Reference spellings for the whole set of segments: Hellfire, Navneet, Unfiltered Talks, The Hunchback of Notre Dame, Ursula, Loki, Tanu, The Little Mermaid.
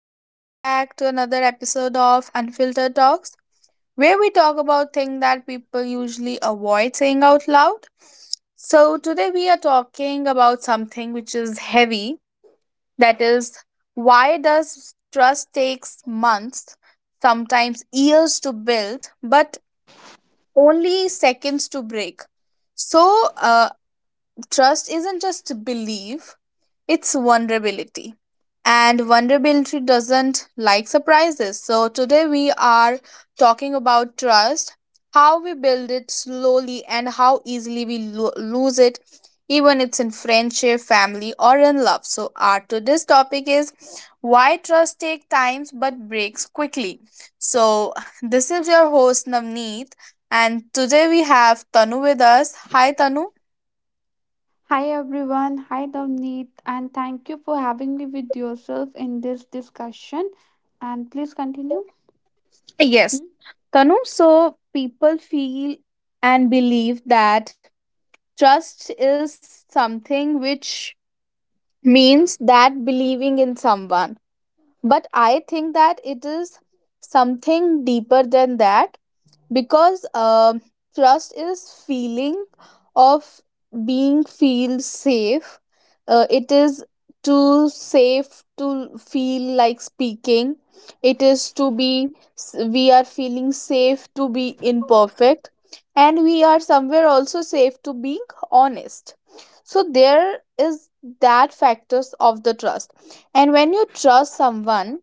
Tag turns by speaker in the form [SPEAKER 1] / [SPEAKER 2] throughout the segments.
[SPEAKER 1] Welcome back to another episode of Unfiltered Talks, where we talk about things that people usually avoid saying out loud. So, today we are talking about something which is heavy, that is, why does trust takes months, sometimes years to build, but only seconds to break? So, trust isn't just belief, it's vulnerability. And vulnerability doesn't like surprises. So, today we are talking about trust, how we build it slowly, and how easily we lose it, even it's in friendship, family, or in love. So, our today's topic is why trust takes times but breaks quickly. So, this is your host Navneet, and today we have Tanu with us. Hi, Tanu.
[SPEAKER 2] Hi everyone, hi Navneet, and thank you for having me with yourself in this discussion. And please continue. Hmm?
[SPEAKER 1] Yes, Tanu, so people feel and believe that trust is something which means that believing in someone. But I think that it is something deeper than that, because trust is feeling of being feel safe, it is too safe to feel like speaking, it is to be, we are feeling safe to be imperfect, and we are somewhere also safe to being honest. So there is that factors of the trust, and when you trust someone,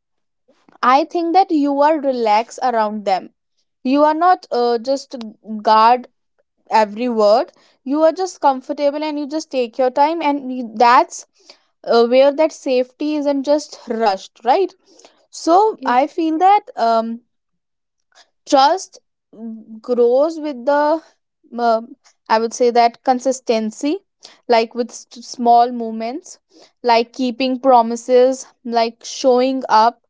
[SPEAKER 1] I think that you are relaxed around them. You are not just guard every word, you are just comfortable, and you just take your time and that's where that safety isn't just rushed, right? So I
[SPEAKER 2] Yes,
[SPEAKER 1] feel that trust grows with the, um I would say that, consistency, like with small movements, like keeping promises, like showing up,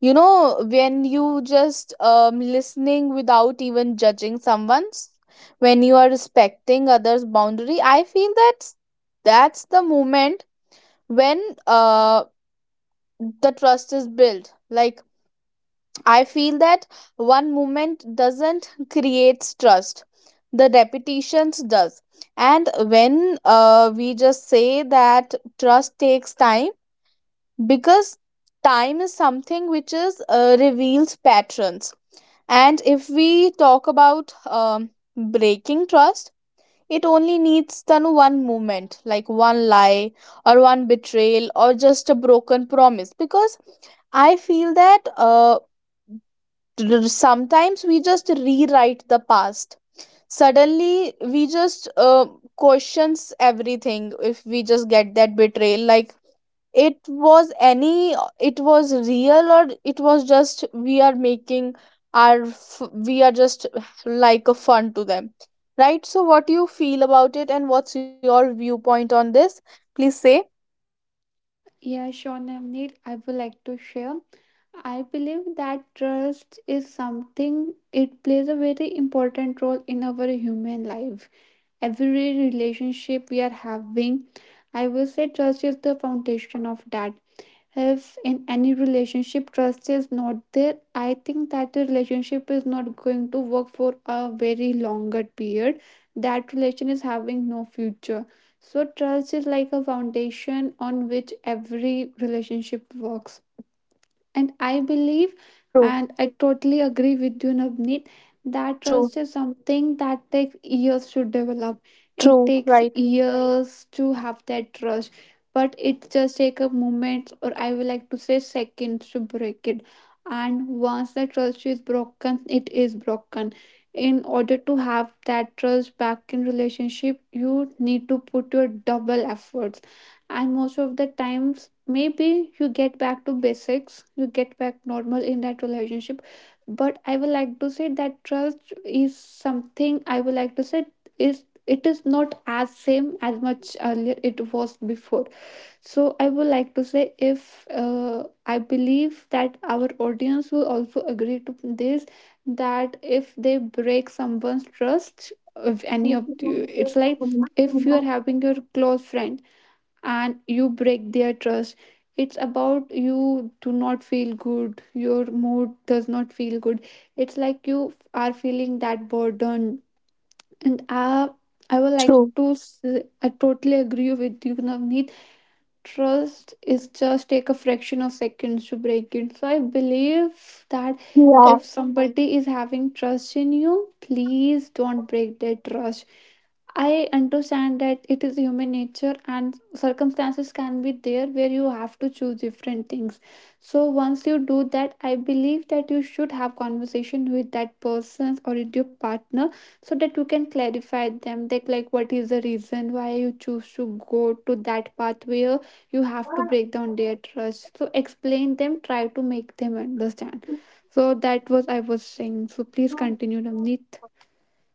[SPEAKER 1] you know, when you just listening without even judging someone's, when you are respecting others boundary, I feel that that's the moment when, uh, the trust is built. Like I feel that one moment doesn't create trust, the repetitions does. And when we just say that trust takes time, because time is something which is reveals patterns. And if we talk about breaking trust, it only needs then one movement, like one lie or one betrayal or just a broken promise. Because I feel that sometimes we just rewrite the past. Suddenly we just questions everything if we just get that betrayal, like it was any, it was real, or it was just we are making our we are just like a fun to them, right? So what do you feel about it, and what's your viewpoint on this? Please say.
[SPEAKER 2] yeah, sure, Navneet. I would like to share. I believe that trust is something, it plays a very important role in our human life. Every relationship we are having, I will say trust is the foundation of that. If in any relationship trust is not there, I think that the relationship is not going to work for a very longer period. That relation is having no future. So trust is like a foundation on which every relationship works. And I believe,
[SPEAKER 1] True,
[SPEAKER 2] and I totally agree with you, Navneet, that
[SPEAKER 1] true,
[SPEAKER 2] trust is something that takes years to develop. It
[SPEAKER 1] true,
[SPEAKER 2] takes
[SPEAKER 1] right.
[SPEAKER 2] years to have that trust, but it just takes a moment, or I would like to say seconds to break it. And once the trust is broken, it is broken. In order to have that trust back in relationship, you need to put your double efforts, and most of the times maybe you get back to basics, you get back normal in that relationship. But I would like to say that trust is something, I would like to say, is, it is not as same as much earlier it was before. So I would like to say if I believe that our audience will also agree to this, that if they break someone's trust, if any of you, it's like if you are having your close friend and you break their trust, it's about you do not feel good, your mood does not feel good, it's like you are feeling that burden. And I would like
[SPEAKER 1] True.
[SPEAKER 2] to I totally agree with you, Navneet. Trust is just take a fraction of seconds to break it. So I believe that
[SPEAKER 1] yeah
[SPEAKER 2] if somebody is having trust in you, please don't break their trust. I understand that it is human nature and circumstances can be there where you have to choose different things. So once you do that, I believe that you should have conversation with that person or with your partner, so that you can clarify them like, what is the reason why you choose to go to that pathway. You have to break down their trust, so explain them, try to make them understand. So that was I was saying, so please continue, Navneet.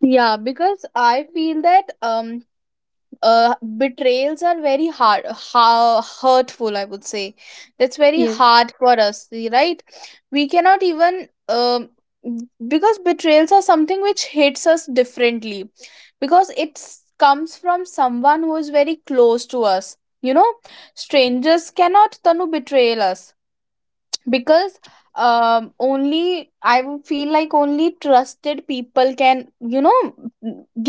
[SPEAKER 1] yeah, because I feel that betrayals are very hard, hurtful. I would say that's very
[SPEAKER 2] Yes,
[SPEAKER 1] hard for us, right? We cannot even because betrayals are something which hits us differently, because it comes from someone who is very close to us. You know, strangers cannot, Tanu, betray us, because only I feel like only trusted people can, you know,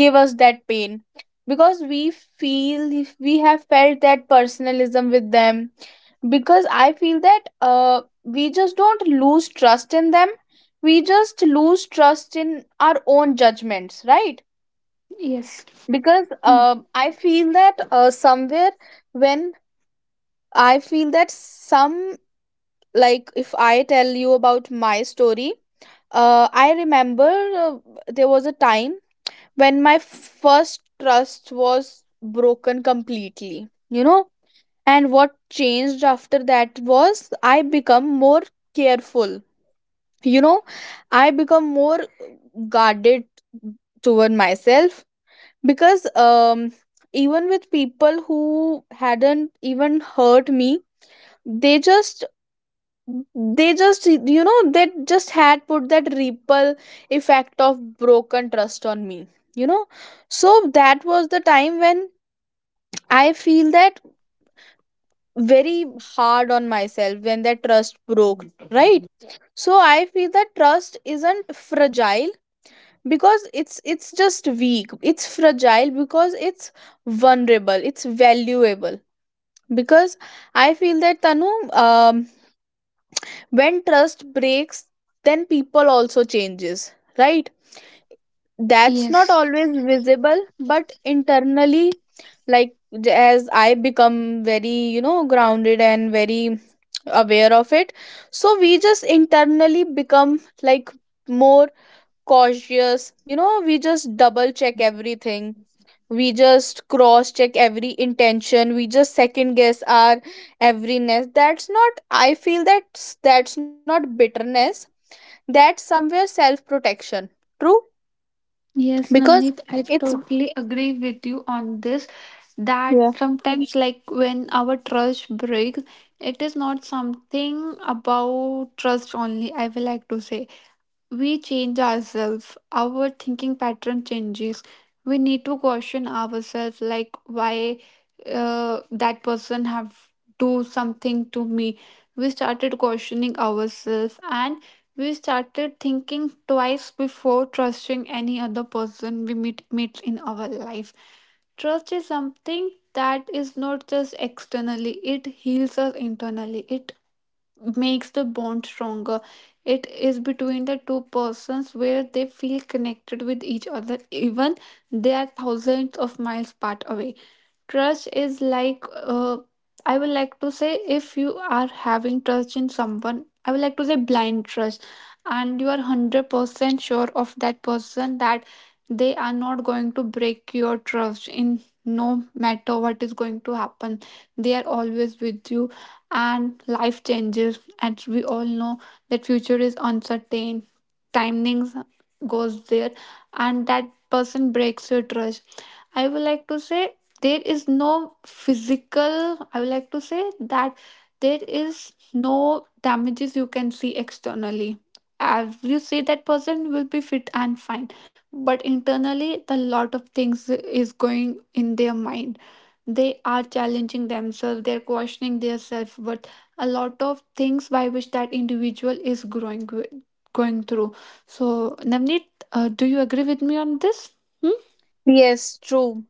[SPEAKER 1] give us that pain, because we feel, we have felt that personalism with them. Because I feel that we just don't lose trust in them, we just lose trust in our own judgments, right?
[SPEAKER 2] yes.
[SPEAKER 1] Because
[SPEAKER 2] Hmm.
[SPEAKER 1] I feel that somewhere, when I feel that some, like if I tell you about my story, I remember, uh, there was a time when my first trust was broken completely, you know. And what changed after that was, I become more careful, you know, I become more guarded toward myself. Because even with people who hadn't even hurt me, they just, they just you know, they just had put that ripple effect of broken trust on me, you know. So that was the time when I feel that very hard on myself when that trust broke, right? So I feel that trust isn't fragile because it's just weak, it's fragile because it's vulnerable, it's valuable. Because I feel that, Tanu, um, when trust breaks, then people also changes, right? That's not
[SPEAKER 2] Yes,
[SPEAKER 1] always visible, but internally, like as I become very, you know, grounded and very aware of it. So we just internally become like more cautious, you know, we just double check everything, we just cross check every intention, we just second guess our everyness. That's not, I feel that, that's not bitterness, that's somewhere self protection. True?
[SPEAKER 2] yes,
[SPEAKER 1] Because
[SPEAKER 2] Navneet, I
[SPEAKER 1] it's,
[SPEAKER 2] totally agree with you on this. That
[SPEAKER 1] Yeah.
[SPEAKER 2] sometimes, like when our trust breaks, it is not something about trust only. I will like to say, we change ourselves, our thinking pattern changes. We need to question ourselves like why that person have do something to me. We started questioning ourselves, and we started thinking twice before trusting any other person we meet in our life. Trust is something that is not just externally, it heals us internally. It makes the bond stronger, it is between the two persons where they feel connected with each other even they are thousands of miles apart away. Trust is like, I would like to say, if you are having trust in someone, I would like to say blind trust, and you are 100% sure of that person, that they are not going to break your trust in no matter what is going to happen. They are always with you, and life changes, and we all know that future is uncertain, timings goes there, and that person breaks your trust. I would like to say there is no physical, I would like to say that there is no damages you can see externally. As you see, that person will be fit and fine, but internally, the lot of things is going in their mind. They are challenging themselves, they're questioning their self, but a lot of things by which that individual is going through. So, Navneet, do you agree with me on this? Hmm?
[SPEAKER 1] Yes, true.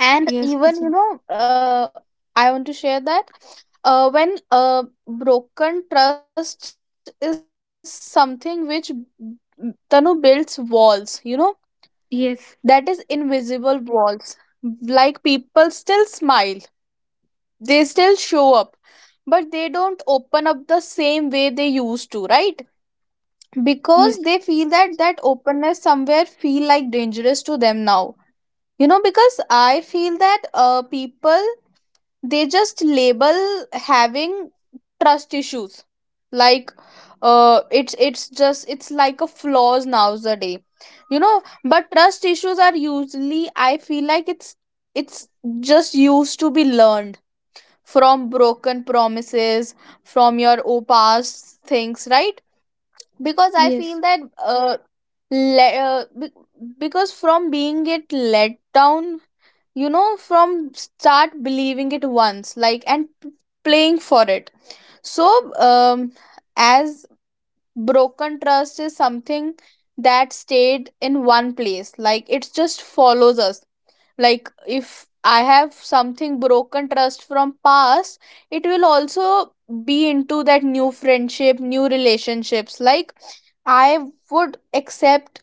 [SPEAKER 1] And
[SPEAKER 2] Yes,
[SPEAKER 1] even,
[SPEAKER 2] please.
[SPEAKER 1] you know, I want to share that, when broken trust is something which Tanu, builds walls, you know, that is
[SPEAKER 2] Yes,
[SPEAKER 1] invisible walls. Like people still smile, they still show up, but they don't open up the same way they used to, right? Because
[SPEAKER 2] yes,
[SPEAKER 1] they feel that that openness somewhere feel like dangerous to them now, you know. Because I feel that people, they just label having trust issues, like it's just, it's like a flaws nowadays, you know. But trust issues are usually, I feel, like it's just used to be learned from broken promises, from your past things, right? Because I
[SPEAKER 2] yes,
[SPEAKER 1] feel that uh, le- uh be- because from being it let down, you know, from start believing it once like, and playing for it. So um as broken trust is something that stayed in one place, like it just follows us. Like if I have something broken trust from past, it will also be into that new friendship, new relationships. Like I would accept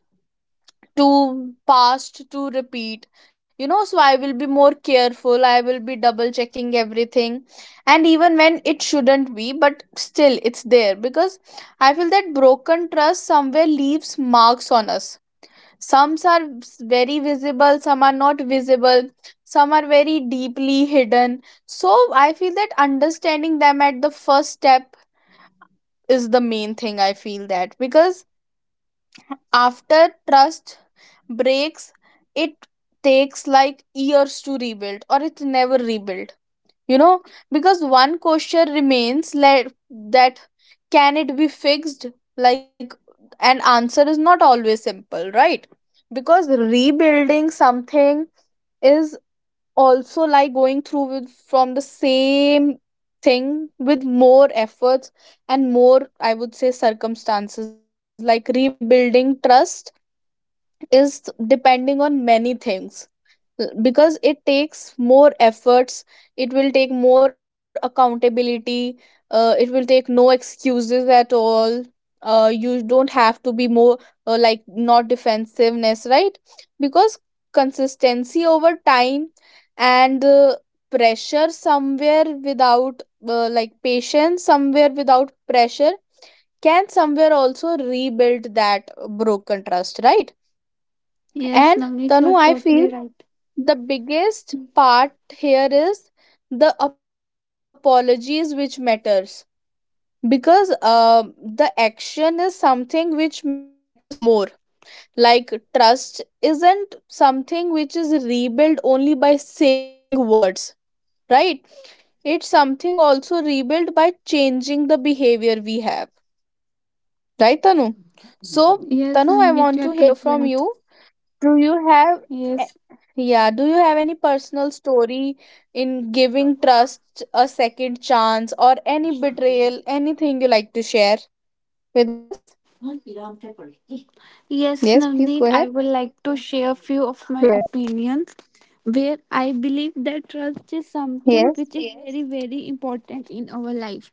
[SPEAKER 1] to past to repeat, you know. So I will be more careful, I will be double checking everything, and even when it shouldn't be, but still it's there. Because I feel that broken trust somewhere leaves marks on us, some are very visible, some are not visible, some are very deeply hidden. So I feel that understanding them at the first step is the main thing, I feel that. Because after trust breaks, it takes like years to rebuild, or it's never rebuilt, you know. Because one question remains, like, that, can it be fixed? Like, an answer is not always simple, right? Because rebuilding something is also like going through with from the same thing, with more efforts and more, I would say, circumstances. Like rebuilding trust is depending on many things, because it takes more efforts, it will take more accountability, it will take no excuses at all, you don't have to be more, like not defensiveness, right? Because consistency over time, and pressure somewhere without, like patience somewhere without pressure, can somewhere also rebuild that broken trust, right?
[SPEAKER 2] yes,
[SPEAKER 1] And,
[SPEAKER 2] Navneet, you
[SPEAKER 1] Tanu,
[SPEAKER 2] are
[SPEAKER 1] I feel
[SPEAKER 2] totally right.
[SPEAKER 1] the biggest part here is the apologies which matters. Because the action is something which matters more. Like trust isn't something which is rebuilt only by saying words, right? It's something also rebuilt by changing the behavior we have, right, Tanu? So,
[SPEAKER 2] Yes,
[SPEAKER 1] Tanu, I
[SPEAKER 2] Navneet, you are
[SPEAKER 1] want to hear
[SPEAKER 2] totally
[SPEAKER 1] from
[SPEAKER 2] right.
[SPEAKER 1] you. Do you have
[SPEAKER 2] Yes,
[SPEAKER 1] a- yeah, do you have any personal story in giving trust a second chance, or any betrayal, anything you like to share with us? Yes,
[SPEAKER 2] yes,
[SPEAKER 1] please go ahead.
[SPEAKER 2] Navneet, I would like to share few of
[SPEAKER 1] Yes,
[SPEAKER 2] my opinions, where I believe that trust is something
[SPEAKER 1] Yes.
[SPEAKER 2] which is, yes, very, very important in our life.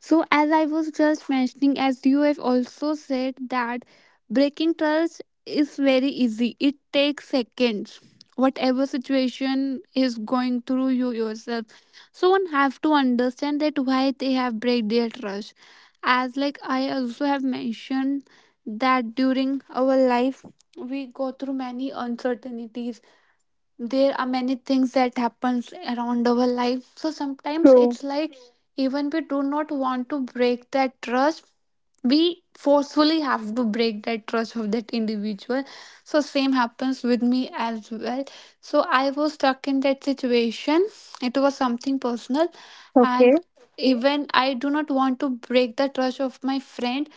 [SPEAKER 2] So, as I was just mentioning, as you have also said, that breaking trust is very easy. It takes seconds. Whatever situation is going through you yourself, someone have to understand that why they have break their trust. As like I also have mentioned that during our life we go through many uncertainties, there are many things that happens around our life. So sometimes
[SPEAKER 1] True.
[SPEAKER 2] it's like even we do not want to break that trust, we forcefully have to break that trust of that individual. So same happens with me as well. So I was stuck in that situation, it was something personal.
[SPEAKER 1] Okay,
[SPEAKER 2] And even I do not want to break the trust of my friend.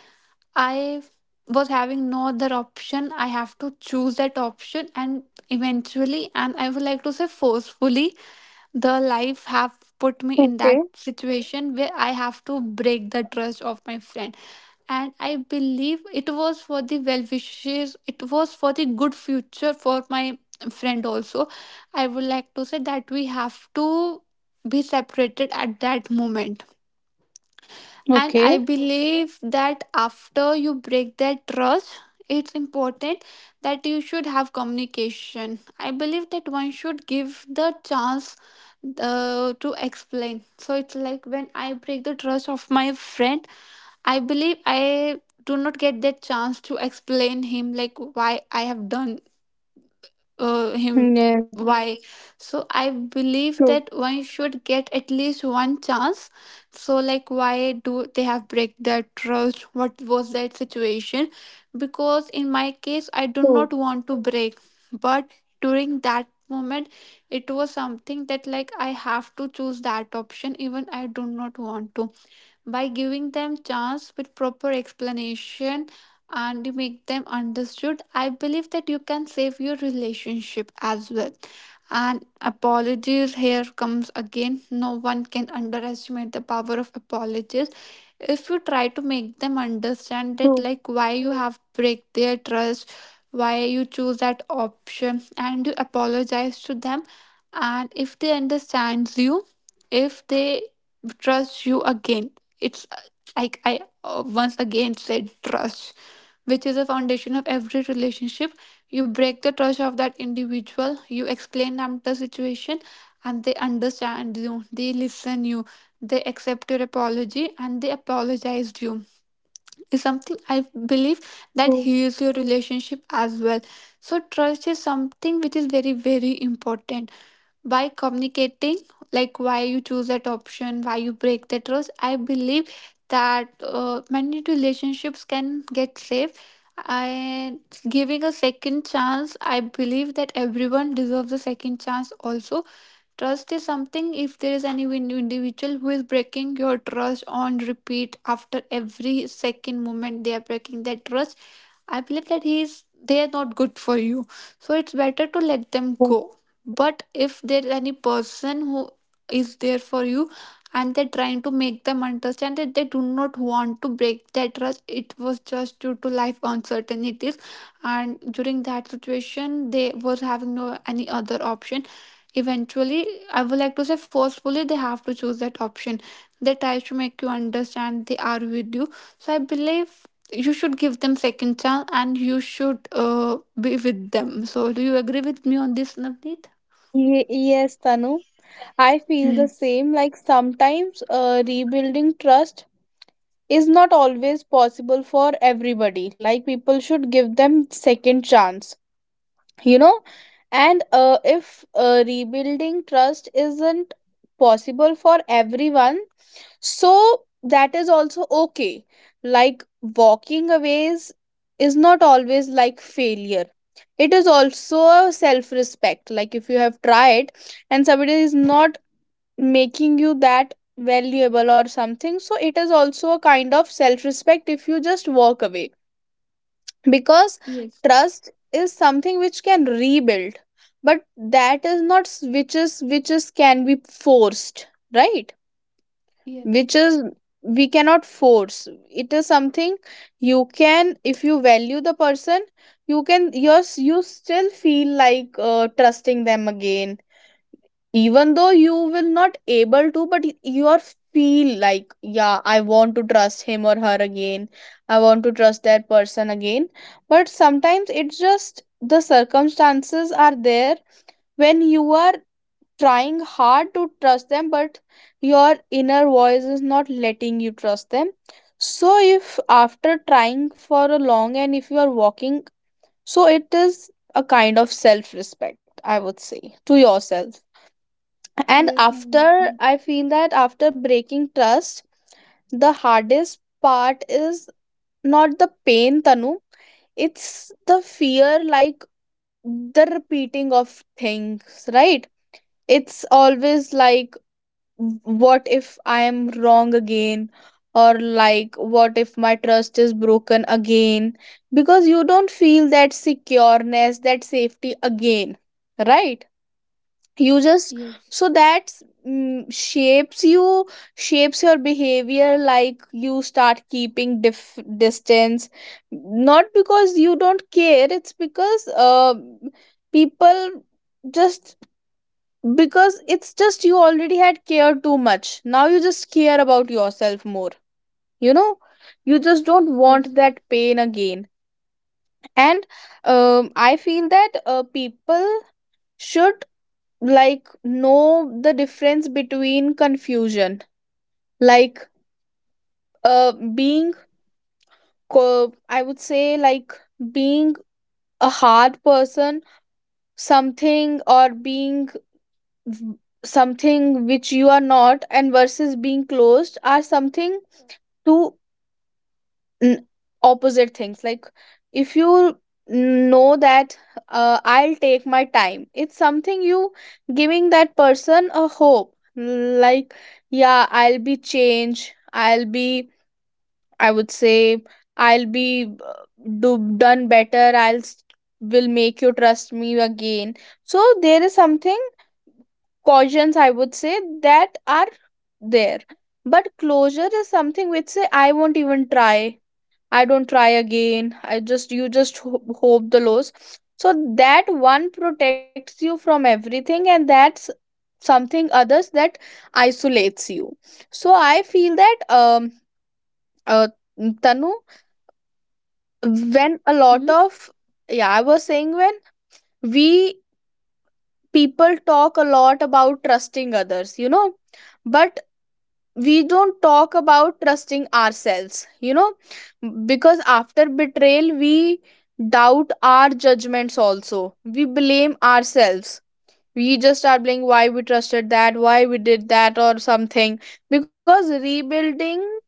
[SPEAKER 2] I was having no other option. I have to choose that option, and eventually, and I would like to say forcefully, the life have put me in that
[SPEAKER 1] okay,
[SPEAKER 2] situation where I have to break the trust of my friend. And I believe it was for the well wishes, it was for the good future for my friend also. I would like to say that we have to be separated at that moment, and I
[SPEAKER 1] Okay.
[SPEAKER 2] believe that after you break that trust, it's important that you should have communication. I believe that one should give the chance to explain. So it's like when I break the trust of my friend, I believe I do not get that chance to explain him like why I have done him,
[SPEAKER 1] Yes,
[SPEAKER 2] why. So I believe
[SPEAKER 1] true,
[SPEAKER 2] that one should get at least one chance. So like why do they have break their trust, what was that situation, because in my case I do
[SPEAKER 1] true,
[SPEAKER 2] not want to break, but during that moment it was something that like I have to choose that option even I do not want to. By giving them chance with proper explanation and you make them understood, I believe that you can save your relationship as well. And apologies here comes again, no one can underestimate the power of apologies. If you try to make
[SPEAKER 1] true,
[SPEAKER 2] them understand that like why you have break their trust, why you choose that option, and you apologize to them, and if they understands you, if they trust you again, it's like I once again said, trust, which is a foundation of every relationship. You break the trust of that individual, you explain them the situation, and they understand you, they listen you, they accept your apology, and they apologize you. Is something I believe
[SPEAKER 1] true.
[SPEAKER 2] that heals your relationship as well. So trust is something which is very very important. By communicating like why you choose that option, why you break that trust, I believe that many relationships can get saved. And giving a second chance, I believe that everyone deserves a second chance also. Trust is something, if there is any individual who is breaking your trust on repeat, after every second moment they are breaking that trust, I believe that he is they are not good for you. So it's better to let them
[SPEAKER 1] True.
[SPEAKER 2] go. But if there's any person who is there for you and they're trying to make them understand that they do not want to break that trust, it was just due to life uncertainties, and during that situation they was having no any other option. Eventually, I would like to say forcefully they have to choose that option. They try to make you understand they are with you. So I believe you should give them second chance and you should be with them. So do you agree with me on this, Navneet?
[SPEAKER 1] Yes, Tanu. I feel the
[SPEAKER 2] Hmm.
[SPEAKER 1] same. Like sometimes rebuilding trust is not always possible for everybody, like people should give them second chance, you know. And if rebuilding trust isn't possible for everyone, so that is also okay. Like walking away is not always like failure, it is also a self respect. Like if you have tried, and somebody is not making you that valuable or something, so it is also a kind of self respect if you just walk away. Because
[SPEAKER 2] Yes,
[SPEAKER 1] trust is something which can rebuild, but that is not which is, which is can be forced, right?
[SPEAKER 2] yes
[SPEAKER 1] Which is, we cannot force it, is something you can, if you value the person, you can, yes, you still feel like trusting them again. Even though you will not able to, but you are feel like, yeah, I want to trust him or her again, I want to trust that person again. But sometimes it's just the circumstances are there, when you are trying hard to trust them, but your inner voice is not letting you trust them. So if after trying for a long, and if you are walking, so it is a kind of self respect, I would say, to yourself. And
[SPEAKER 2] yes
[SPEAKER 1] after,
[SPEAKER 2] Navneet.
[SPEAKER 1] I feel that after breaking trust, the hardest part is not the pain, Tanu, it's the fear, like the repeating of things, right? It's always like, what if I am wrong again? Or like, what if my trust is broken again? Because you don't feel that secureness, that safety again, right? You just,
[SPEAKER 2] yes
[SPEAKER 1] so that shapes you, shapes your behavior, like you start keeping distance, not because you don't care, it's because people just, because it's just you already had cared too much, now you just care about yourself more, you know. You just don't
[SPEAKER 2] yes
[SPEAKER 1] want that pain again. And I feel that people should, like, know the difference between confusion, like being I would say, like being a hard person something, or being v- something which you are not, and versus being closed are something, to n- opposite things. Like, if you know that, I'll take my time, it's something you giving that person a hope, like, yeah, I'll be changed, I'll be, I would say, I'll be do done better, I'll will make you trust me again. So there is something cautions, I would say, that are there. But closure is something which say, I won't even try, I don't try again, I just, you just hope the loss. So that one protects you from everything, and that's something others, that isolates you. So I feel that uh, Tanu, when a
[SPEAKER 2] hmm?
[SPEAKER 1] lot of, yeah, I was saying, when we, people talk a lot about trusting others, you know, but we don't talk about trusting ourselves, you know. Because after betrayal we doubt our judgments also, we blame ourselves, we just start blaming why we trusted that, why we did that or something. Because rebuilding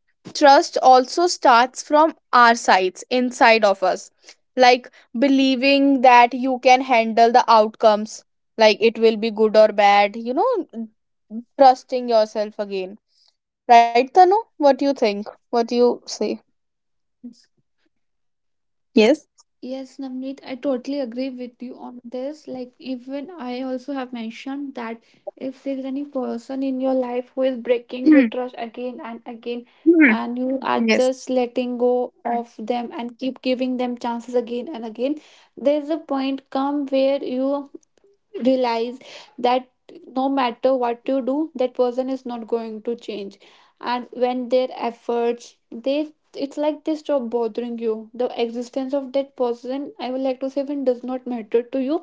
[SPEAKER 1] trust also starts from our sides, inside of us. Like, believing that you can handle the outcomes, like it will be good or bad, you know, trusting yourself again. Right, Tanu? What do you think? What do you say?
[SPEAKER 2] Yes, Navneet, I
[SPEAKER 1] Yes.
[SPEAKER 2] totally agree with you on this. Like, even I also have mentioned that if there is any person in your life who is breaking your trust again
[SPEAKER 1] Hmm.
[SPEAKER 2] and again, and you are
[SPEAKER 1] Hmm.
[SPEAKER 2] just letting
[SPEAKER 1] Yes.
[SPEAKER 2] go of them and keep giving them chances again and again, there is a point come where you realize that no matter what you do, that person is not going to change. And when their efforts, they, it's like they stop bothering you, the existence of that person, I would like to say, even does not matter to you.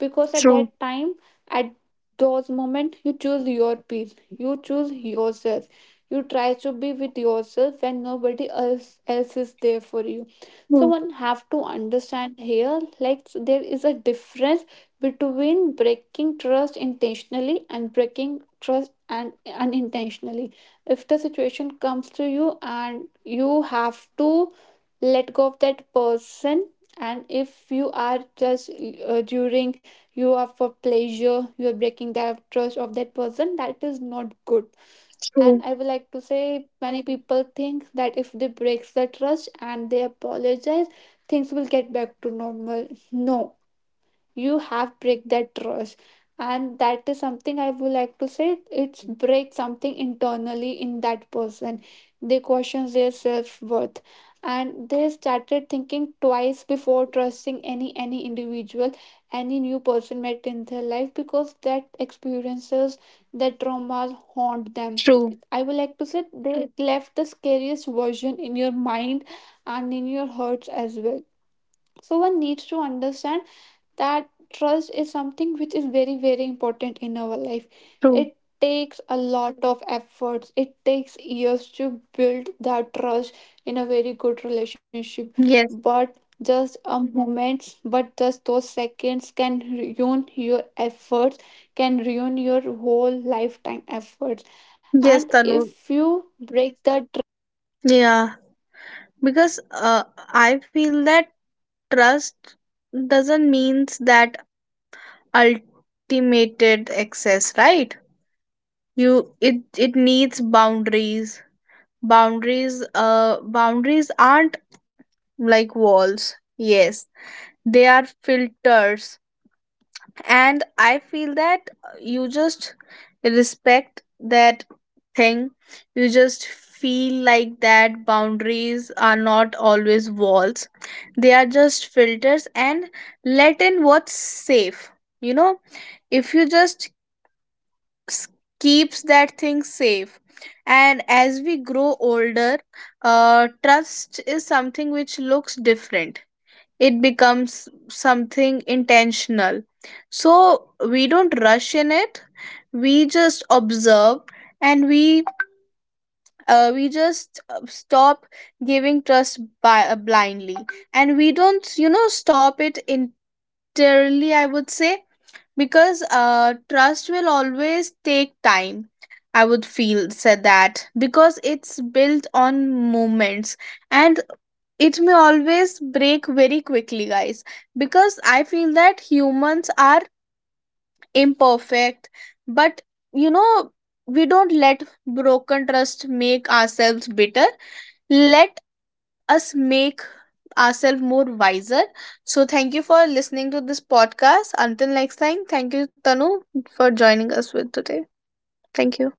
[SPEAKER 2] Because at
[SPEAKER 1] True.
[SPEAKER 2] that time, at those moment, you choose your peace, you choose yourself, you try to be with yourself when nobody else is there for you. So
[SPEAKER 1] True.
[SPEAKER 2] one have to understand here, like there is a difference between breaking trust intentionally and breaking trust and unintentionally. If the situation comes to you and you have to let go of that person, and if you are just during you are for pleasure, you are breaking the trust of that person, that is not good. And I
[SPEAKER 1] True.
[SPEAKER 2] would like to say many people think that if they break the trust and they apologize, things will get back to normal. No. You have break that trust, and that is something, I would like to say, it's break something internally in that person. They question their self-worth, and they started thinking twice before trusting any individual, any new person met in their life, because that experiences, that traumas haunt them.
[SPEAKER 1] True.
[SPEAKER 2] I would like to say they left the scariest version in your mind and in your hearts as well. So one needs to understand that trust is something which is very very important in our life.
[SPEAKER 1] True.
[SPEAKER 2] It takes a lot of efforts, it takes years to build that trust in a very good relationship,
[SPEAKER 1] Yes.
[SPEAKER 2] but just a moment, but just those seconds can ruin your efforts, can ruin your whole lifetime effort.
[SPEAKER 1] Yes, Tanu. Yeah. Because I feel that trust doesn't means that ultimated access, right? You, it needs boundaries. Boundaries. Boundaries aren't like walls. Yes, they are filters. And I feel that you just respect that thing, you just feel like that boundaries are not always walls, they are just filters, and let in what's safe, you know. If you just s- keeps that thing safe. And as we grow older, trust is something which looks different, it becomes something intentional. So we don't rush in it, we just observe, and we, we just stop giving trust by, blindly, and we don't, you know, stop it entirely, I would say. Because trust will always take time, I would feel said that, because it's built on moments. And it may always break very quickly, guys, because I feel that humans are imperfect. But, you know, we don't let broken trust make ourselves bitter. Let us make ourselves more wiser. So thank you for listening to this podcast. Until next time. Thank you, Tanu, for joining us with today. Thank you.